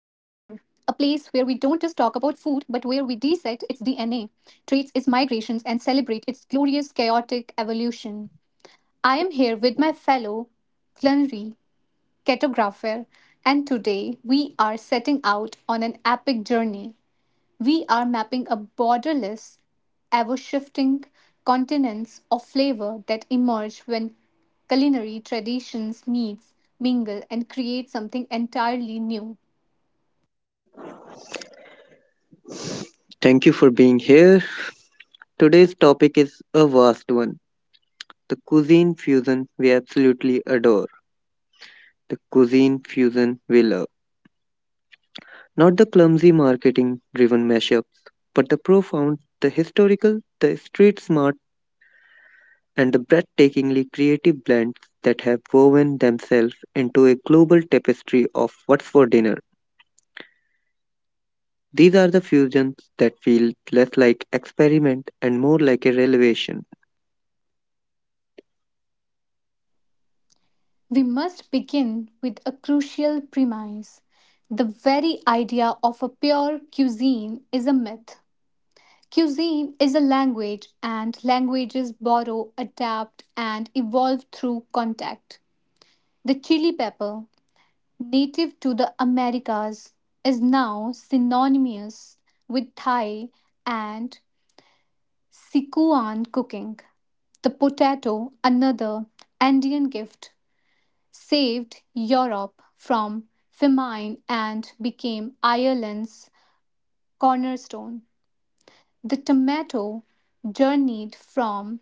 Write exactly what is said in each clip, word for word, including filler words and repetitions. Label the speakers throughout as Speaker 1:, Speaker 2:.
Speaker 1: but where we dissect its D N A, traits its migrations, and celebrate its glorious, chaotic evolution. I am here with my fellow culinary cartographer, and today we are setting out on an epic journey. We are mapping a borderless, ever shifting continents of flavor that emerge when culinary traditions meet, mingle, and create something entirely new.
Speaker 2: Thank you for being here. Today's topic is a vast one, the cuisine fusion we absolutely adore, the cuisine fusion we love. Not the clumsy marketing driven mashups, but the profound, the historical, the street smart, and the breathtakingly creative blends that have woven themselves into a global tapestry of what's for dinner. These are the fusions that feel less like experiment and more like a revelation.
Speaker 1: We must begin with a crucial premise. The very idea of a pure cuisine is a myth. Cuisine is a language, and languages borrow, adapt, and evolve through contact. The chili pepper, native to the Americas, is now synonymous with Thai and Sichuan cooking. The potato, another Andean gift, saved Europe from famine and became Ireland's cornerstone. The tomato journeyed from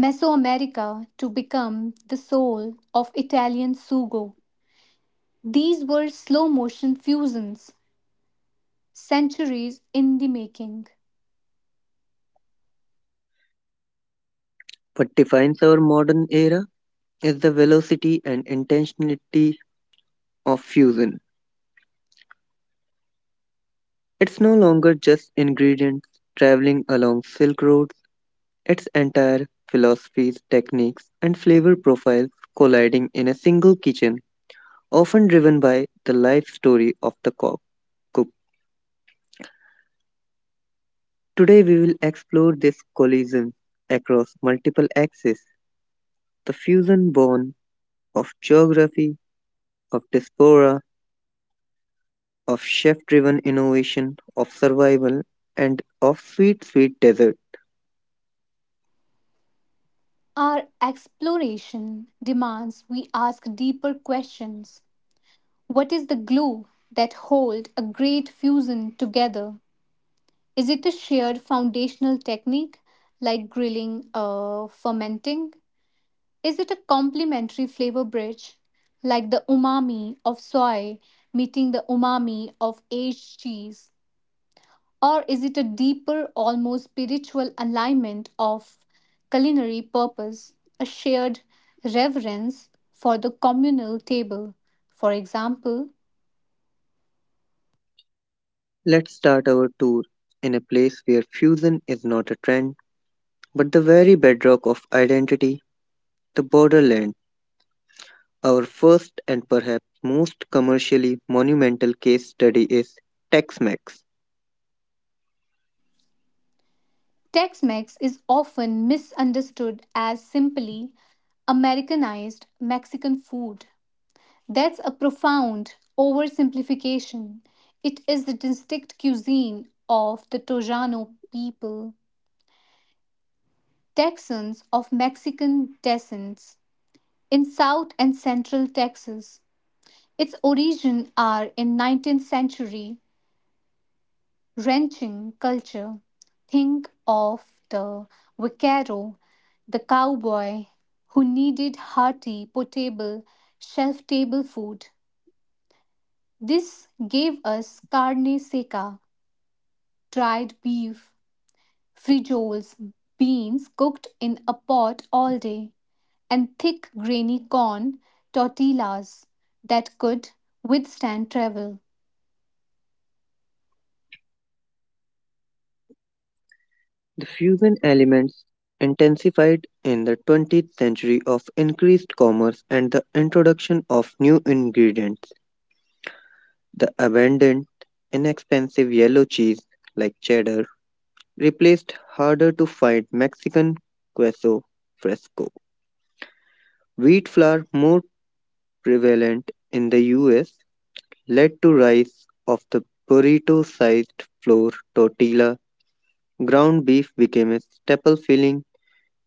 Speaker 1: Mesoamerica to become the soul of Italian sugo. These were slow motion fusions centuries in the making.
Speaker 2: What defines our modern era is the velocity and intentionality of fusion. It's no longer just ingredients traveling along Silk Roads, it's entire philosophies, techniques, and flavor profiles colliding in a single kitchen, often driven by the life story of the co- cook. Today, we will explore this collision across multiple axes: the fusion born of geography, of diaspora, of chef driven innovation, of survival, and of sweet, sweet desert.
Speaker 1: Our exploration demands we ask deeper questions. What is the glue that hold a great fusion together? Is it a shared foundational technique like grilling or fermenting? Is it a complementary flavor bridge like the umami of soy meeting the umami of aged cheese? Or is it a deeper, almost spiritual alignment of culinary purpose, a shared reverence for the communal table? For example,
Speaker 2: Let's start our tour in a place where fusion is not a trend, but the very bedrock of identity, the borderland. Our first and perhaps most commercially monumental case study is Tex Mex.
Speaker 1: Tex Mex is often misunderstood as simply Americanized Mexican food. That's a profound oversimplification. It is the distinct cuisine of the Tojano people, Texans of Mexican descent in South and Central Texas. Its origins are in nineteenth century ranching culture. Think of the vaquero, the cowboy who needed hearty, potable, shelf table food. This gave us carne seca, dried beef, frijoles, beans cooked in a pot all day, and thick grainy corn tortillas that could withstand travel.
Speaker 2: The fusion elements intensified in the twentieth century of increased commerce and the introduction of new ingredients. The abundant, inexpensive yellow cheese like cheddar replaced harder to find Mexican queso fresco. Wheat flour, more prevalent in the U S, led to rise of the burrito-sized flour tortilla. Ground beef became a staple filling.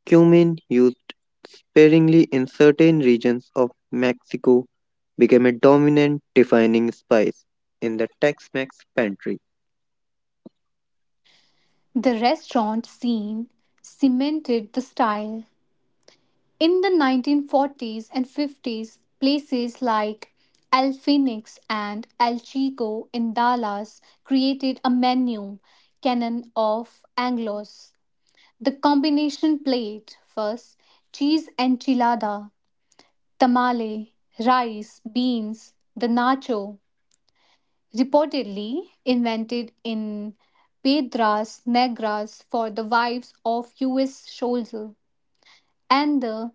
Speaker 2: Cumin, used sparingly in certain regions of Mexico, became a dominant defining spice in the Tex-Mex pantry.
Speaker 1: The restaurant scene cemented the style. In the nineteen forties and fifties, places like El Phoenix and El Chico in Dallas created a menu canon of Anglos. The combination plate first, cheese enchilada, tamale, rice, beans, the nacho, reportedly invented in Pedras Negras for the wives of U S soldiers, and the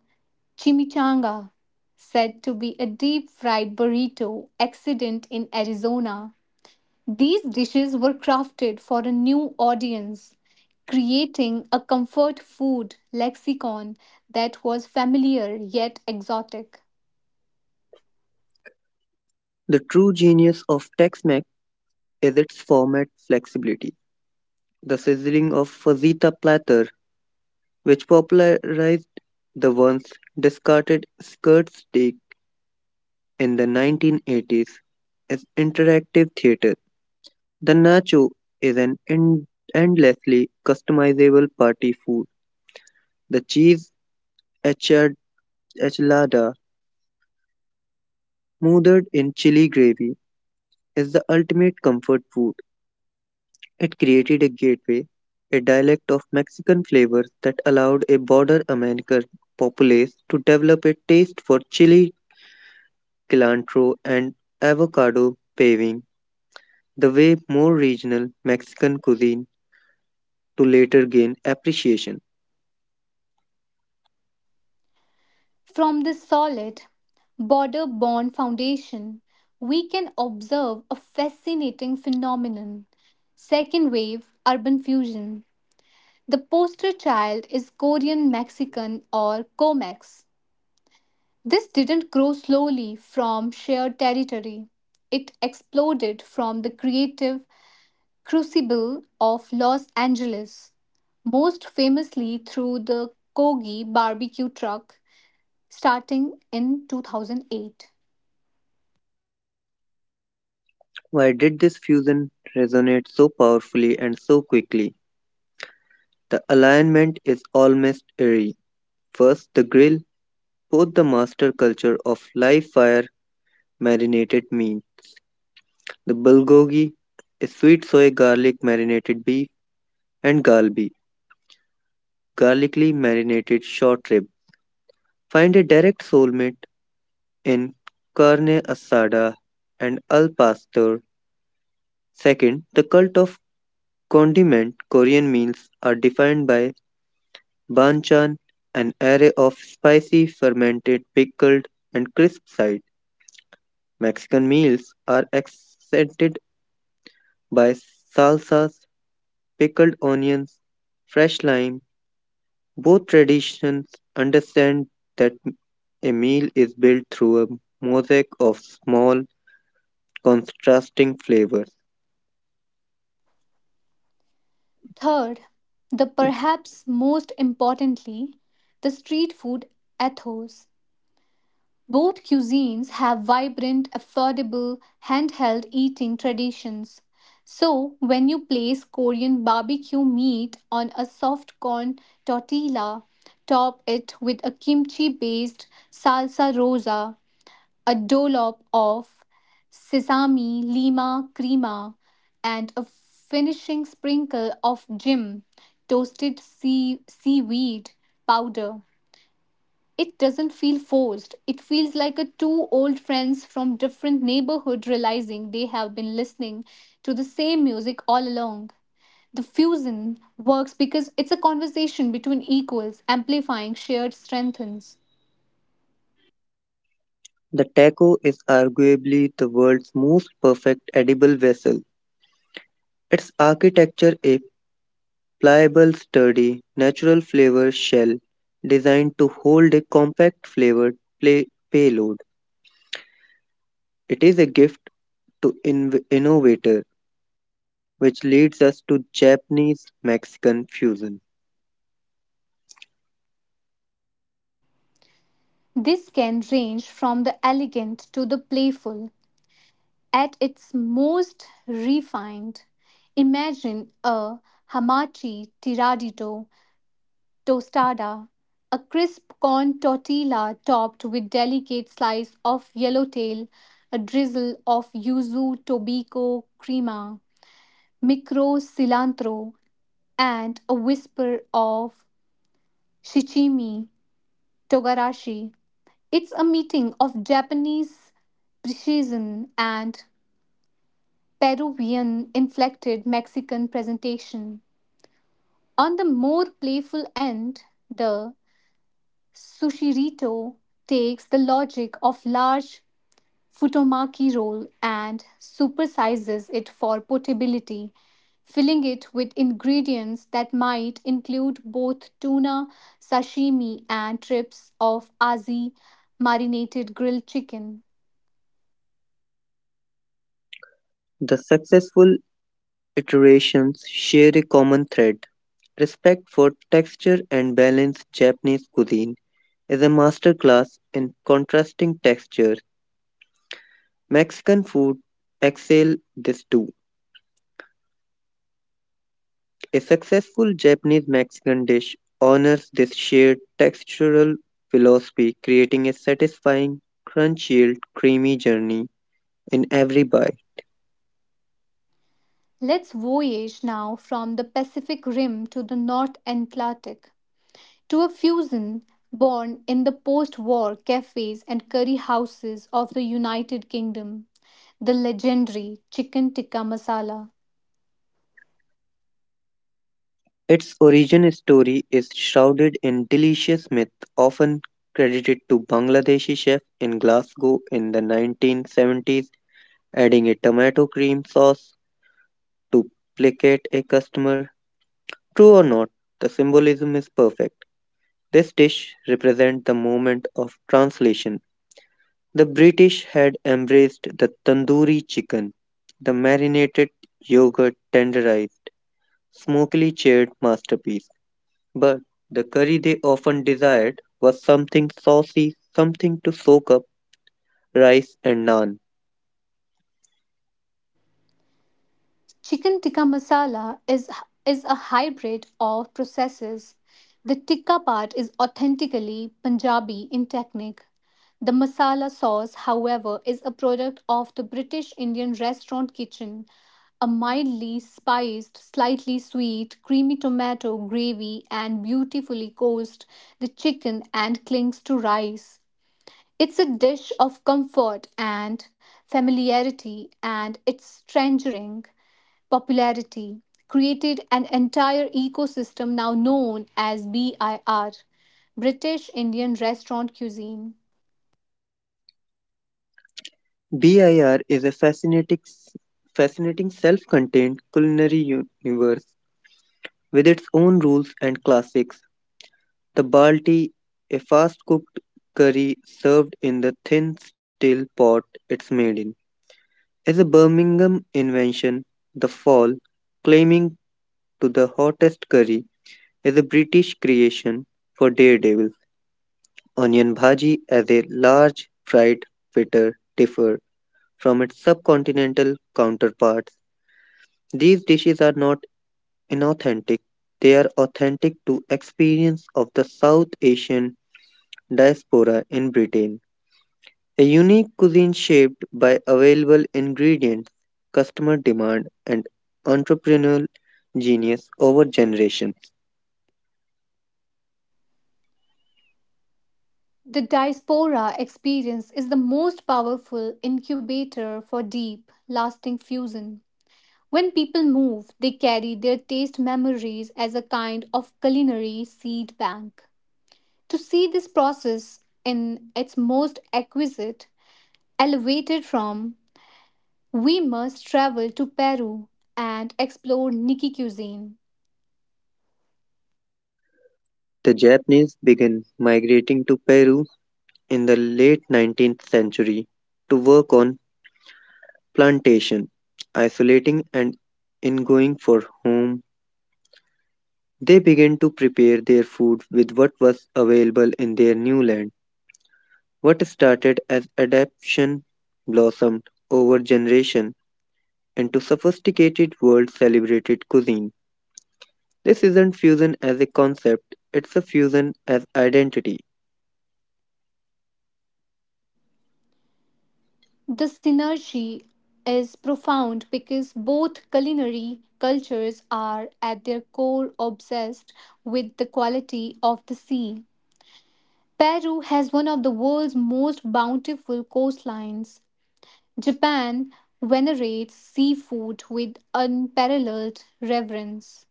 Speaker 1: chimichanga, said to be a deep fried burrito accident in Arizona. These dishes were crafted for a new audience, creating a comfort food lexicon that was familiar yet exotic.
Speaker 2: The true genius of Tex-Mex is its format flexibility. The sizzling of fajita platter, which popularized the once discarded skirt steak in the nineteen eighties, is interactive theater. The nacho is an en- endlessly customizable party food. The cheese enchilada, enchilada, smothered in chili gravy, is the ultimate comfort food. It created a gateway, a dialect of Mexican flavors that allowed a border American populace to develop a taste for chili, cilantro, and avocado, paving the way more regional Mexican cuisine to later gain appreciation.
Speaker 1: From this solid, border born foundation, we can observe a fascinating phenomenon: second wave urban fusion. The poster child is Korean Mexican or COMEX. This didn't grow slowly from shared territory, it exploded from the creative crucible of Los Angeles, most famously through the Kogi barbecue truck starting in two thousand eight.
Speaker 2: Why did this fusion resonate so powerfully and so quickly? The alignment is almost eerie. First, the grill, both the master culture of live fire marinated meat. The bulgogi is sweet soy garlic marinated beef and galbi, garlicly marinated short rib. Find a direct soulmate in Carne Asada and Al Pastor. Second, the cult of condiment: Korean meals are defined by banchan, an array of spicy, fermented, pickled, and crisp sides. Mexican meals are accented by salsas, pickled onions, fresh lime. Both traditions understand that a meal is built through a mosaic of small, contrasting flavors.
Speaker 1: Third, the perhaps most importantly, the street food ethos. Both cuisines have vibrant, affordable, handheld eating traditions. So, when you place Korean barbecue meat on a soft corn tortilla, top it with a kimchi based salsa rosa, a dollop of sesame, lima crema, and a finishing sprinkle of gym, toasted sea, seaweed powder. It doesn't feel forced. It feels like a two old friends from different neighborhood realizing they have been listening to the same music all along. The fusion works because it's a conversation between equals, amplifying shared strengths.
Speaker 2: The taco is arguably the world's most perfect edible vessel. Its architecture a pliable, sturdy, natural flavor shell designed to hold a compact flavored play- payload. It is a gift to inv- innovator, which leads us to Japanese Mexican fusion.
Speaker 1: This can range from the elegant to the playful. At its most refined, imagine a hamachi tiradito tostada, a crisp corn tortilla topped with delicate slice of yellowtail, a drizzle of yuzu tobiko crema, micro cilantro, and a whisper of shichimi togarashi. It's a meeting of Japanese precision and Peruvian inflected Mexican presentation. On the more playful end, the sushirito takes the logic of large futomaki roll and supersizes it for portability, filling it with ingredients that might include both tuna sashimi and strips of azi marinated grilled chicken.
Speaker 2: The successful iterations share a common thread: respect for texture and balance. Japanese cuisine is a masterclass in contrasting textures. Mexican food excel this too. A successful Japanese Mexican dish honors this shared textural philosophy, creating a satisfying, crunch-filled, creamy journey in every bite.
Speaker 1: Let's voyage now from the Pacific Rim to the North Atlantic to a fusion born in the post war cafes and curry houses of the United Kingdom, the legendary chicken tikka masala.
Speaker 2: Its origin story is shrouded in delicious myth, often credited to Bangladeshi chef in Glasgow in the nineteen seventies, adding a tomato cream sauce to placate a customer. True or not, the symbolism is perfect. This dish represents the moment of translation. The British had embraced the tandoori chicken, the marinated, yogurt tenderized, smokily charred masterpiece. But the curry they often desired was something saucy, something to soak up rice and naan.
Speaker 1: Chicken tikka masala is is a hybrid of processes. The tikka part is authentically Punjabi in technique. The masala sauce, however, is a product of the British Indian restaurant kitchen, a mildly spiced, slightly sweet, creamy tomato gravy and beautifully coats the chicken and clings to rice. It's a dish of comfort and familiarity, and it's strangering popularity created an entire ecosystem now known as B I R, British Indian Restaurant Cuisine.
Speaker 2: B I R is a fascinating, fascinating self contained culinary universe with its own rules and classics. The balti, a fast-cooked curry served in the thin steel pot it's made in, is a Birmingham invention. The fall, claiming to the hottest curry, is a British creation for Daredevil. Onion bhaji as a large fried fritter differ from its subcontinental counterparts. These dishes are not inauthentic, they are authentic to experience of the South Asian diaspora in Britain. A unique cuisine shaped by available ingredients, customer demand, and entrepreneurial genius over generations.
Speaker 1: The diaspora experience is the most powerful incubator for deep, lasting fusion. When people move, they carry their taste memories as a kind of culinary seed bank. To see this process in its most exquisite, elevated from we must travel to Peru and explore Niki cuisine.
Speaker 2: The Japanese began migrating to Peru in the late nineteenth century to work on plantation, isolating and ingoing for whom they began to prepare their food with what was available in their new land. What started as adaptation blossomed over generations into sophisticated world celebrated cuisine. This isn't fusion as a concept, it's a fusion as identity.
Speaker 1: The synergy is profound because both culinary cultures are at their core obsessed with the quality of the sea. Peru has one of the world's most bountiful coastlines. Japan venerates seafood with unparalleled reverence.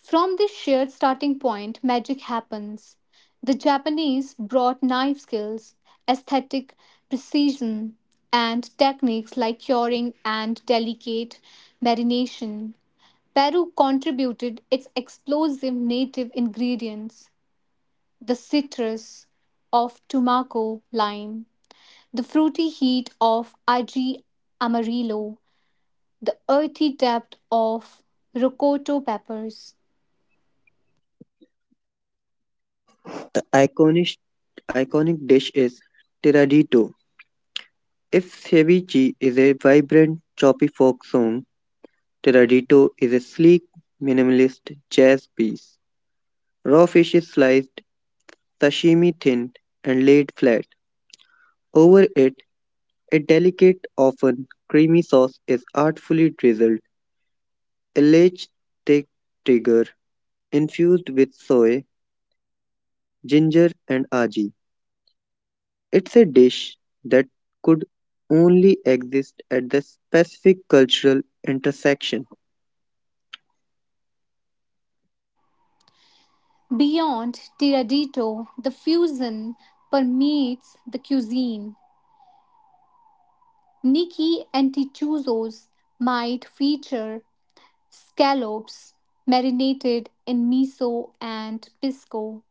Speaker 1: From this shared starting point, magic happens. The Japanese brought knife skills, aesthetic precision, and techniques like curing and delicate marination. Peru contributed its explosive native ingredients, the citrus of Tumaco lime, the fruity heat of Aji Amarillo, the earthy depth of Rocoto peppers.
Speaker 2: The iconic, iconic dish is Tiradito. If ceviche is a vibrant, choppy folk song, Tiradito is a sleek, minimalist jazz piece. Raw fish is sliced, sashimi thin, and laid flat. Over it, a delicate, often creamy sauce is artfully drizzled. A lech thick trigger infused with soy, ginger, and aji. It's a dish that could only exist at the specific cultural intersection.
Speaker 1: Beyond Tiradito, the fusion permeates the cuisine. Gnocchi and antichuzos might feature scallops marinated in miso and pisco.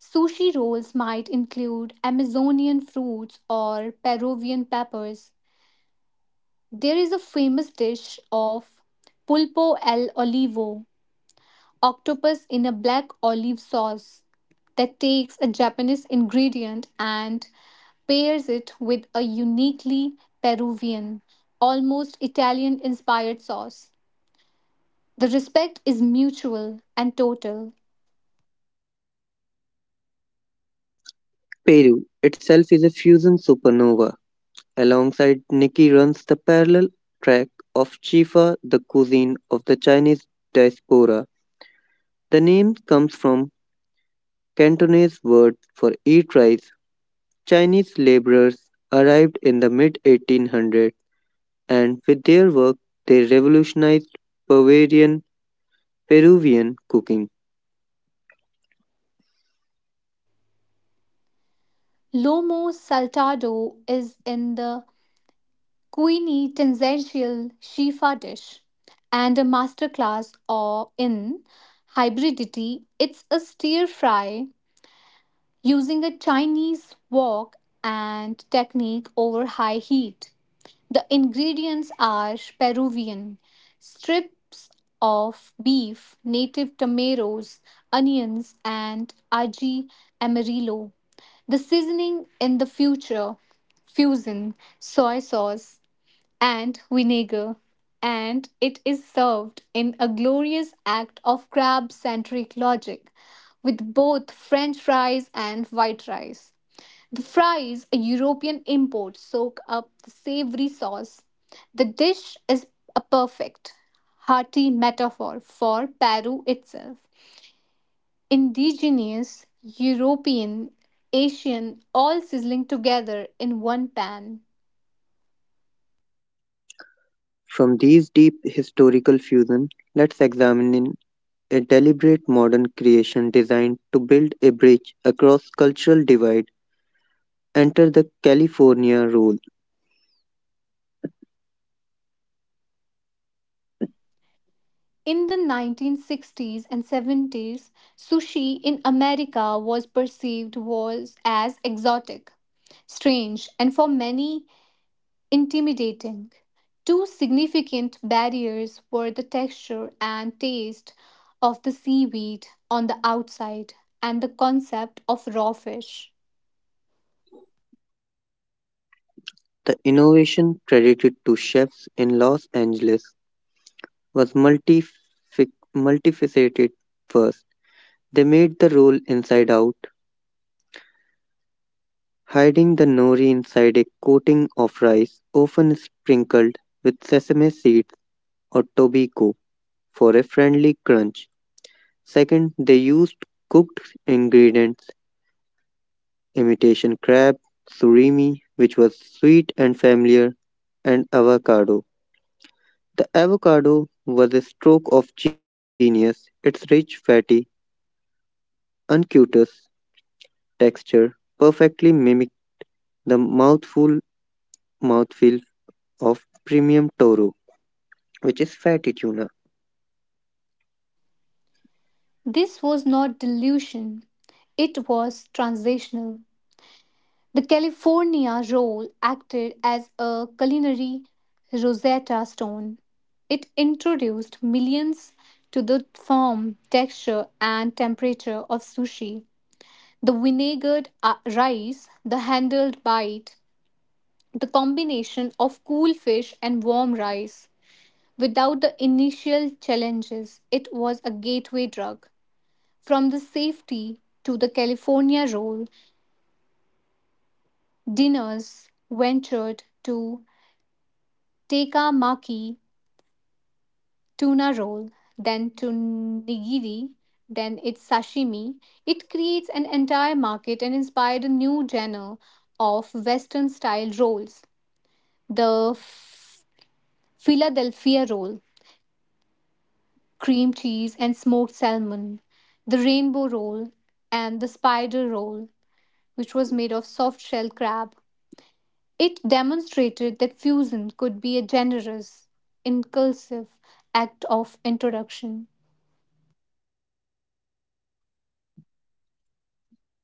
Speaker 1: Sushi rolls might include Amazonian fruits or Peruvian peppers. There is a famous dish of pulpo al olivo, octopus in a black olive sauce, that takes a Japanese ingredient and pairs it with a uniquely Peruvian, almost Italian inspired sauce. The respect is mutual and total.
Speaker 2: Peru itself is a fusion supernova. Alongside Nikki runs the parallel track of Chifa, the cuisine of the Chinese diaspora. The name comes from Cantonese word for eat rice. Chinese laborers arrived in the mid eighteen hundreds and with their work, they revolutionized Peruvian, Peruvian cooking.
Speaker 1: Lomo saltado is in the Queenie tangential Shifa dish and a masterclass or in hybridity. It's a stir fry using a Chinese wok and technique over high heat. The ingredients are Peruvian strips of beef, native tomatoes, onions, and aji amarillo. The seasoning in the future fusion, soy sauce, and vinegar, and it is served in a glorious act of crab centric logic with both French fries and white rice. The fries, a European import, soak up the savory sauce. The dish is a perfect, hearty metaphor for Peru itself. Indigenous, European, Asian, all sizzling together in one pan.
Speaker 2: From these deep historical fusion, let's examine in a deliberate modern creation designed to build a bridge across cultural divide. Enter the California Roll.
Speaker 1: In the nineteen sixties and seventies, sushi in America was perceived was as exotic, strange, and for many intimidating. Two significant barriers were the texture and taste of the seaweed on the outside and the concept of raw fish.
Speaker 2: The innovation credited to chefs in Los Angeles was multific- multifaceted. First, they made the roll inside out, hiding the nori inside a coating of rice, often sprinkled with sesame seeds or tobiko for a friendly crunch. Second, they used cooked ingredients, imitation crab, surimi, which was sweet and familiar, and avocado. The avocado was a stroke of genius. Its rich, fatty, unctuous texture perfectly mimicked the mouthful mouthfeel of premium toro, which is fatty tuna.
Speaker 1: This was not delusion, it was translational. The California roll acted as a culinary Rosetta Stone. It introduced millions to the form, texture, and temperature of sushi. The vinegared uh, rice, the handled bite, the combination of cool fish and warm rice. Without the initial challenges, it was a gateway drug. From the safety to the California roll, dinners ventured to Teika maki, tuna roll, then to nigiri, then it's sashimi. It creates an entire market and inspired a new genre of Western style rolls. The Philadelphia roll, cream cheese and smoked salmon, the rainbow roll, and the spider roll, which was made of soft shell crab. It demonstrated that fusion could be a generous, inclusive act of introduction.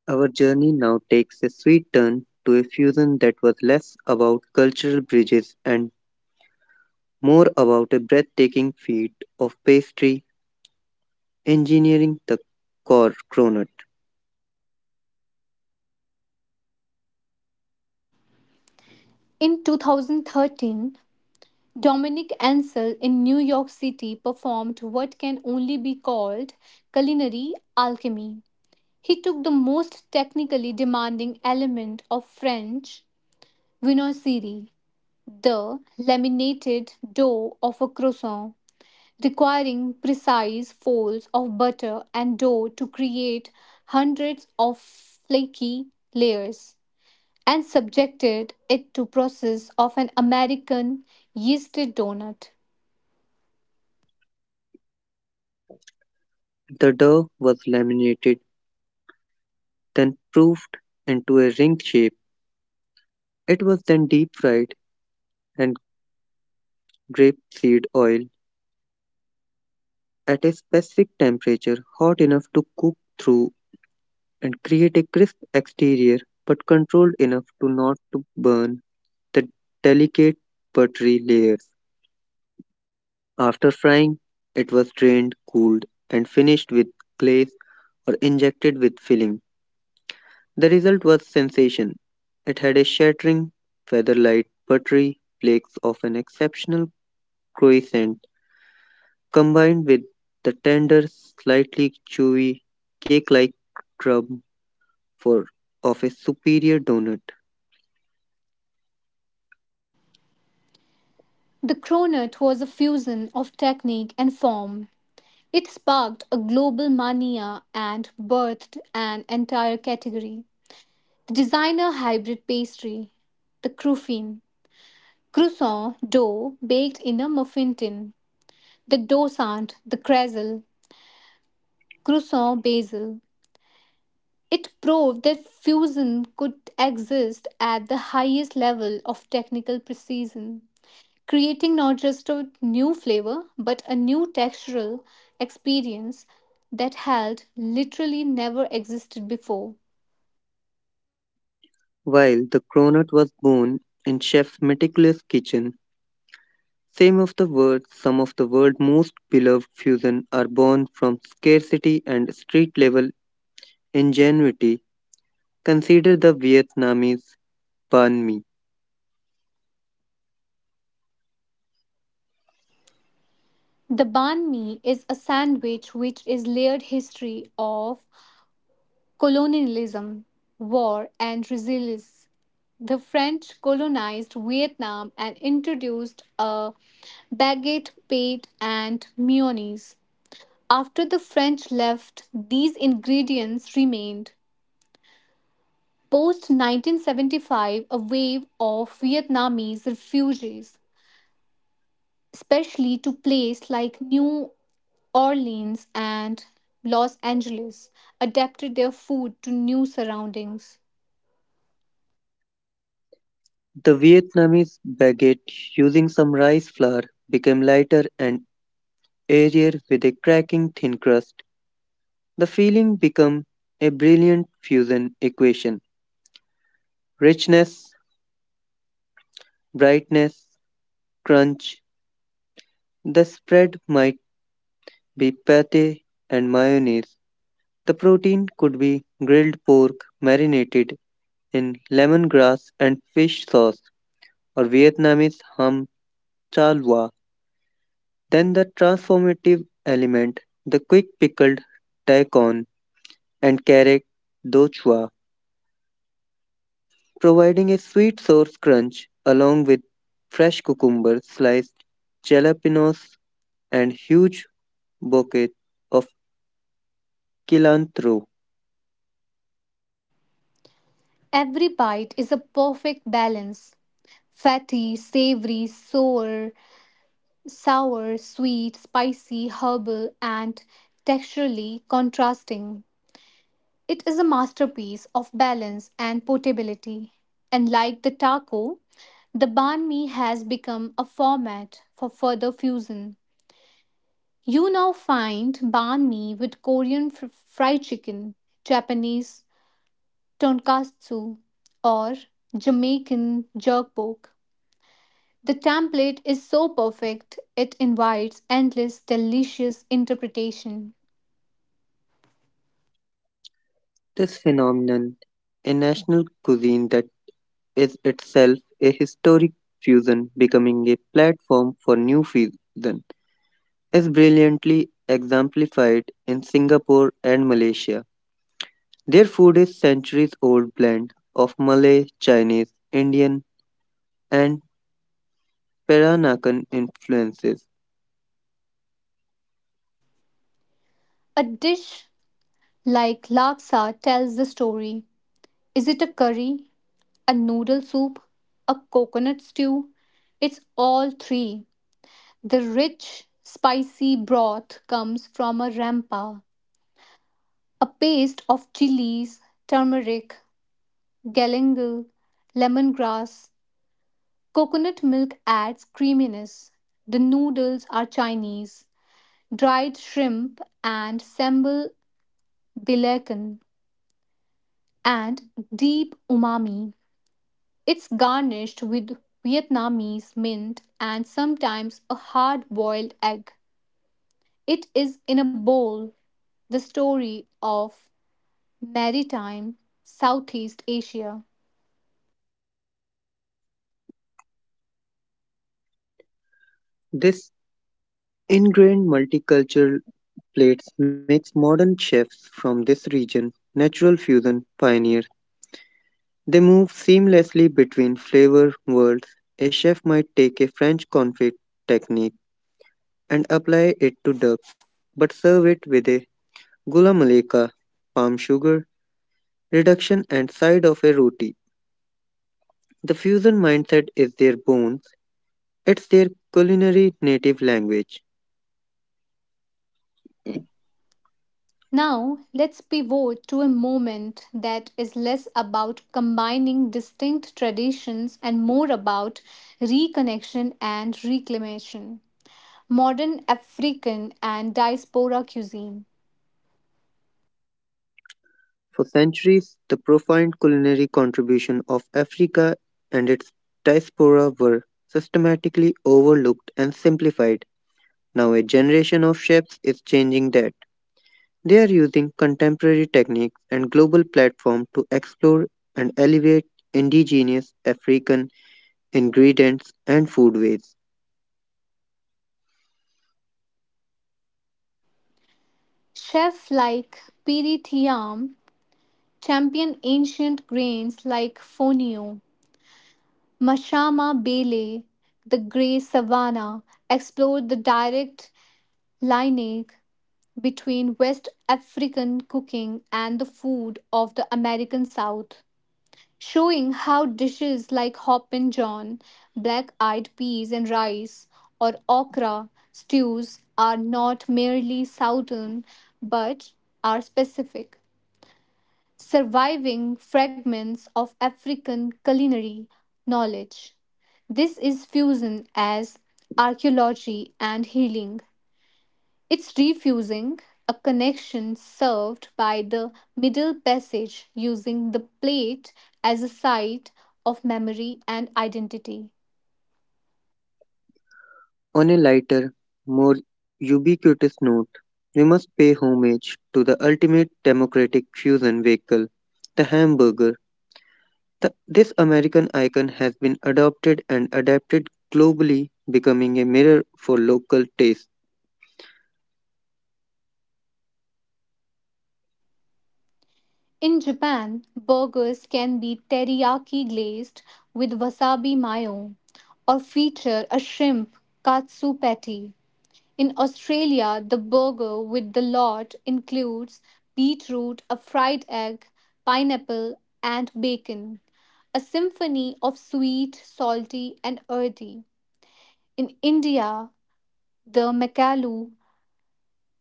Speaker 2: Our journey now takes a sweet turn to a fusion that was less about cultural bridges and more about a breathtaking feat of pastry engineering, the cor- cronut.
Speaker 1: In two thousand thirteen, Dominic Ansel in New York City performed what can only be called culinary alchemy. He took the most technically demanding element of French viennoiserie, the laminated dough of a croissant, requiring precise folds of butter and dough to create hundreds of flaky layers, and subjected it to process of an American yeasted donut.
Speaker 2: The dough was laminated, then proofed into a ring shape. It was then deep fried and grapeseed oil at a specific temperature hot enough to cook through and create a crisp exterior but controlled enough to not to burn the delicate buttery layers. After frying, it was drained, cooled, and finished with glaze or injected with filling. The result was sensation. It had a shattering, feather light, buttery flakes of an exceptional croissant combined with the tender, slightly chewy, cake like crumb for, of a superior donut.
Speaker 1: The cronut was a fusion of technique and form. It sparked a global mania and birthed an entire category. The designer hybrid pastry, the croufine, croissant dough baked in a muffin tin, the dosant, the cresel, croissant basil. It proved that fusion could exist at the highest level of technical precision, creating not just a new flavor but a new textural experience that had literally never existed before.
Speaker 2: While the cronut was born in chef's meticulous kitchen, some of the world's some of the world's most beloved fusion are born from scarcity and street-level ingenuity. Consider the Vietnamese banh mi.
Speaker 1: The banh mi is a sandwich which is layered history of colonialism, war, and resilience. The French colonized Vietnam and introduced a baguette, pate, and mayonnaise. After the French left, these ingredients remained. Post nineteen seventy-five, a wave of Vietnamese refugees, especially to places like New Orleans and Los Angeles, adapted their food to new surroundings.
Speaker 2: The Vietnamese baguette using some rice flour became lighter and airier with a cracking thin crust. The feeling became a brilliant fusion equation. Richness, brightness, crunch, the spread might be pate and mayonnaise. The protein could be grilled pork marinated in lemongrass and fish sauce or Vietnamese hum chalwa. Then the transformative element, the quick pickled daikon and carrot dochua, providing a sweet source crunch along with fresh cucumber, sliced jalapenos, and huge bouquet of cilantro.
Speaker 1: Every bite is a perfect balance: fatty, savory, sour, sour, sweet, spicy, herbal, and texturally contrasting. It is a masterpiece of balance and portability. And like the taco, the banh mi has become a format for further fusion. You now find banh mi with Korean fr- fried chicken, Japanese tonkatsu, or Jamaican jerk pork. The template is so perfect, it invites endless, delicious interpretation.
Speaker 2: This phenomenon, a national cuisine that is itself a historic fusion, becoming a platform for new fusion, as brilliantly exemplified in Singapore and Malaysia. Their food is centuries old blend of Malay, Chinese, Indian, and Peranakan influences.
Speaker 1: A dish like laksa tells the story. Is it a curry, a noodle soup, a coconut stew? It's all three. The rich, spicy broth comes from a rampa, a paste of chilies, turmeric, galangal, lemongrass. Coconut milk adds creaminess. The noodles are Chinese, dried shrimp and sambal belacan, and deep umami. It's garnished with Vietnamese mint and sometimes a hard boiled egg. It is in a bowl the story of maritime Southeast Asia.
Speaker 2: This ingrained multicultural plates makes modern chefs from this region natural fusion pioneers. They move seamlessly between flavor worlds. A chef might take a French confit technique and apply it to duck, but serve it with a gula malika, palm sugar reduction, and side of a roti. The fusion mindset is their bones, it's their culinary native language.
Speaker 1: Now, let's pivot to a moment that is less about combining distinct traditions and more about reconnection and reclamation: modern African and diaspora cuisine.
Speaker 2: For centuries, the profound culinary contribution of Africa and its diaspora were systematically overlooked and simplified. Now, a generation of chefs is changing that. They are using contemporary techniques and global platforms to explore and elevate indigenous African ingredients and foodways.
Speaker 1: Chefs like Piri Thiam champion ancient grains like fonio, mashama bele, the grey savanna, explore the direct lineage between West African cooking and the food of the American South, showing how dishes like hop and john, black eyed peas and rice, or okra stews are not merely southern but are specific, surviving fragments of African culinary knowledge. This is fusion as archaeology and healing, it's refusing a connection served by the middle passage using the plate as a site of memory and identity.
Speaker 2: On a lighter, more ubiquitous note, we must pay homage to the ultimate democratic fusion vehicle, the hamburger. The- this American icon has been adopted and adapted globally, becoming a mirror for local taste.
Speaker 1: In Japan, burgers can be teriyaki glazed with wasabi mayo or feature a shrimp katsu patty. In Australia, the burger with the lot includes beetroot, a fried egg, pineapple, and bacon, a symphony of sweet, salty, and earthy. In India, the makalu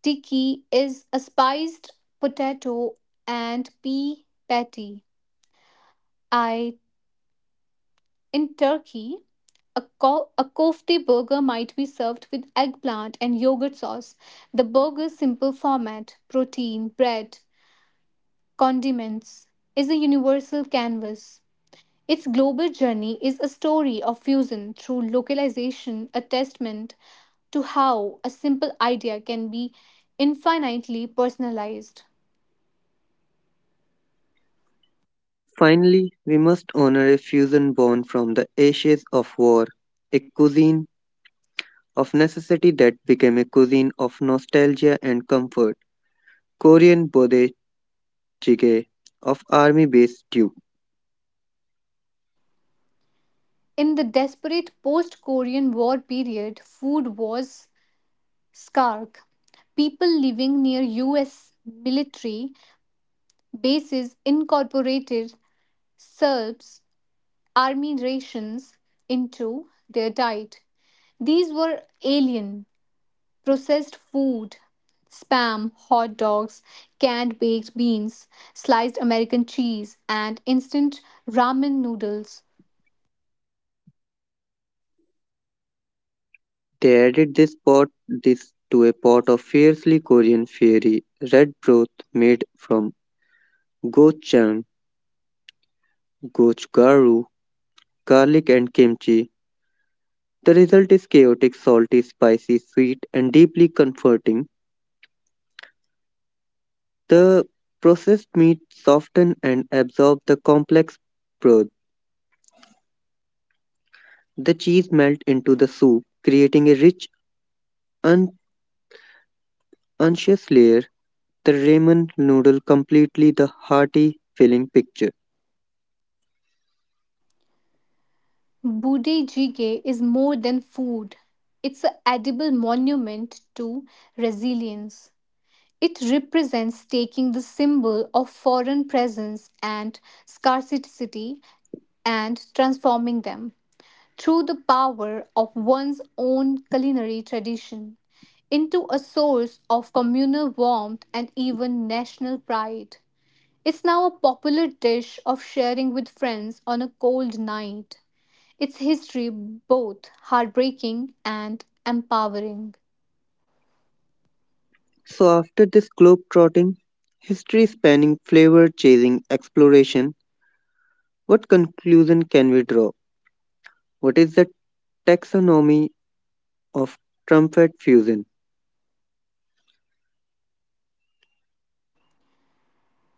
Speaker 1: tikki is a spiced potato and pea patty. I In Turkey, a, ko- a kofte burger might be served with eggplant and yogurt sauce. The burger's simple format, protein, bread, condiments, is a universal canvas. Its global journey is a story of fusion through localization, a testament to how a simple idea can be infinitely personalized.
Speaker 2: Finally, we must honor a fusion born from the ashes of war, a cuisine of necessity that became a cuisine of nostalgia and comfort. Korean bode jjigae of army based stew.
Speaker 1: In the desperate post Korean War period, food was Skark. People living near U S military bases incorporated Serbs army rations into their diet. These were alien, processed food, spam, hot dogs, canned baked beans, sliced American cheese, and instant ramen noodles.
Speaker 2: They added this pot this to a pot of fiercely Korean fiery red broth made from gochujang, gochugaru, garlic and kimchi. The result is chaotic, salty, spicy, sweet and deeply comforting. The processed meat soften and absorb the complex broth. The cheese melt into the soup, creating a rich, un- unctuous layer. The ramen noodle completely the hearty filling picture.
Speaker 1: Budejige is more than food, it's an edible monument to resilience. It represents taking the symbol of foreign presence and scarcity and transforming them through the power of one's own culinary tradition into a source of communal warmth and even national pride. It's now a popular dish of sharing with friends on a cold night. Its history both heartbreaking and empowering.
Speaker 2: So after this globe-trotting, history spanning flavor chasing exploration, what conclusion can we draw? What is the taxonomy of trumpet fusion?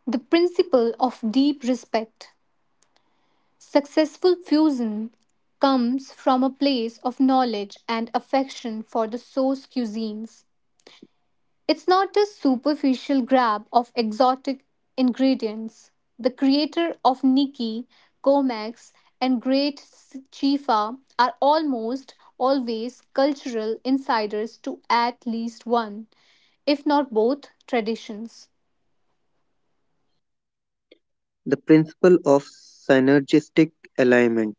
Speaker 1: The principle of deep respect. Successful fusion comes from a place of knowledge and affection for the source cuisines. It's not a superficial grab of exotic ingredients. The creator of Nikki, Comex, and Great Chifa are almost always cultural insiders to at least one, if not both, traditions.
Speaker 2: The principle of synergistic alignment.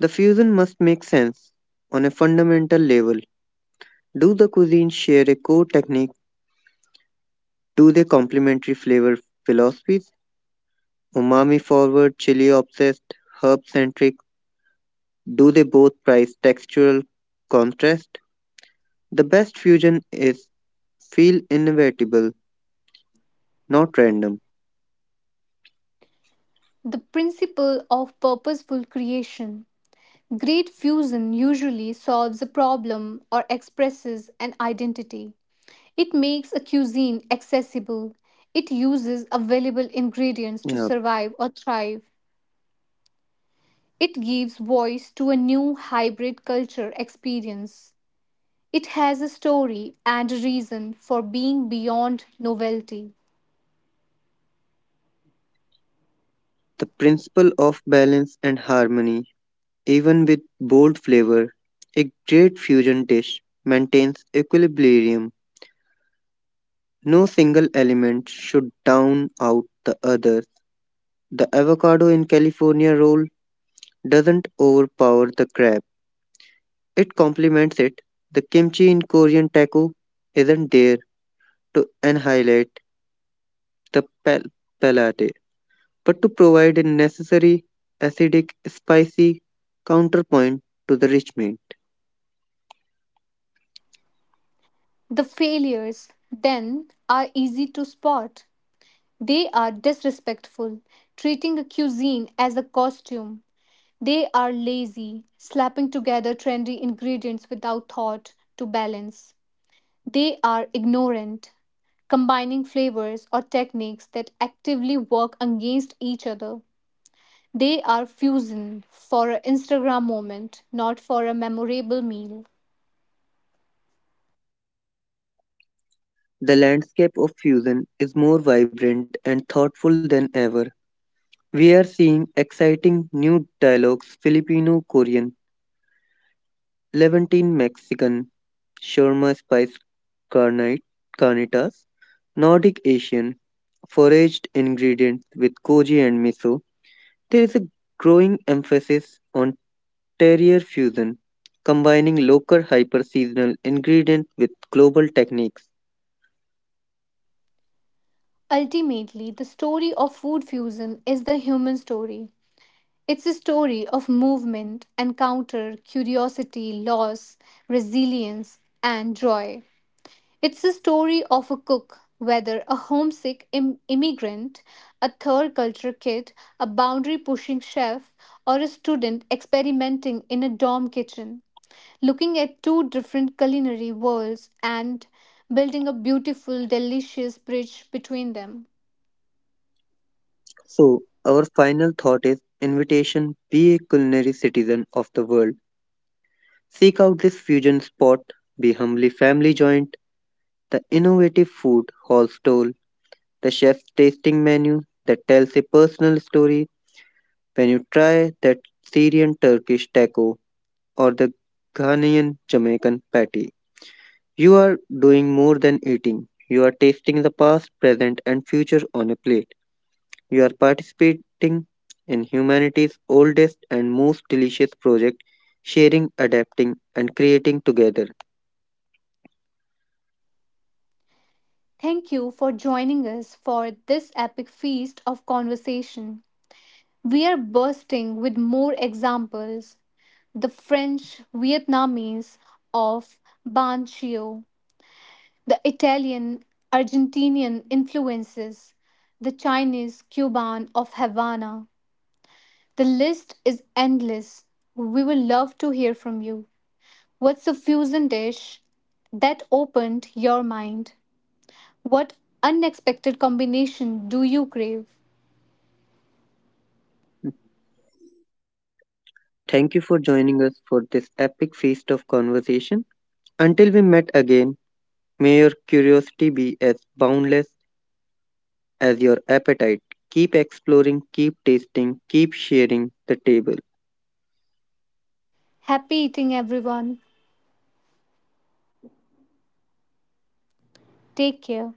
Speaker 2: The fusion must make sense on a fundamental level. Do the cuisines share a core technique? Do they complementary flavor philosophies? Umami forward, chili obsessed, herb centric? Do they both prize textural contrast? The best fusion is feel inevitable, not random.
Speaker 1: The principle of purposeful creation. Great fusion usually solves a problem or expresses an identity. It makes a cuisine accessible. It uses available ingredients to
Speaker 2: Yeah,
Speaker 1: survive or thrive. It gives voice to a new hybrid culture experience. It has a story and a reason for being beyond novelty.
Speaker 2: the principle of balance and harmony, even with bold flavor, a great fusion dish maintains equilibrium. No single element should down out the others. The avocado in California roll doesn't overpower the crab, it complements it. The kimchi in Korean taco isn't there to annihilate the pal- palate, but to provide a necessary acidic, spicy counterpoint to the rich meat.
Speaker 1: The failures, then, are easy to spot. They are disrespectful, treating a cuisine as a costume. They are lazy, slapping together trendy ingredients without thought to balance. They are ignorant, combining flavors or techniques that actively work against each other. They are fusion for an Instagram moment, not for a memorable meal.
Speaker 2: The landscape of fusion is more vibrant and thoughtful than ever. We are seeing exciting new dialogues: Filipino Korean, Levantine Mexican (Shawarma spice carni- carnitas), Nordic Asian (foraged ingredients with koji and miso). There is a growing emphasis on terrier fusion, combining local hyper seasonal ingredients with global techniques.
Speaker 1: Ultimately, the story of food fusion is the human story. It's a story of movement, encounter, curiosity, loss, resilience, and joy. It's the story of a cook, whether a homesick Im- immigrant, a third culture kid, a boundary pushing chef, or a student experimenting in a dorm kitchen, looking at two different culinary worlds and building a beautiful, delicious bridge between them.
Speaker 2: So, our final thought is invitation be a culinary citizen of the world. Seek out this fusion spot, the Humbly Family Joint, the innovative food hall stall, the chef's tasting menu that tells a personal story when you try that Syrian Turkish taco or the Ghanaian Jamaican patty. You are doing more than eating. You are tasting the past, present, and future on a plate. You are participating in humanity's oldest and most delicious project, sharing, adapting, and creating together.
Speaker 1: Thank you for joining us for this epic feast of conversation. We are bursting with more examples, the French Vietnamese of Ban Banchio, the Italian Argentinian influences, the Chinese Cuban of Havana. The list is endless. We will love to hear from you. What's a fusion dish that opened your mind? What unexpected combination do you crave?
Speaker 2: Thank you for joining us for this epic feast of conversation. Until we met again, may your curiosity be as boundless as your appetite. Keep exploring, keep tasting, keep sharing the table.
Speaker 1: Happy eating, everyone. Take care.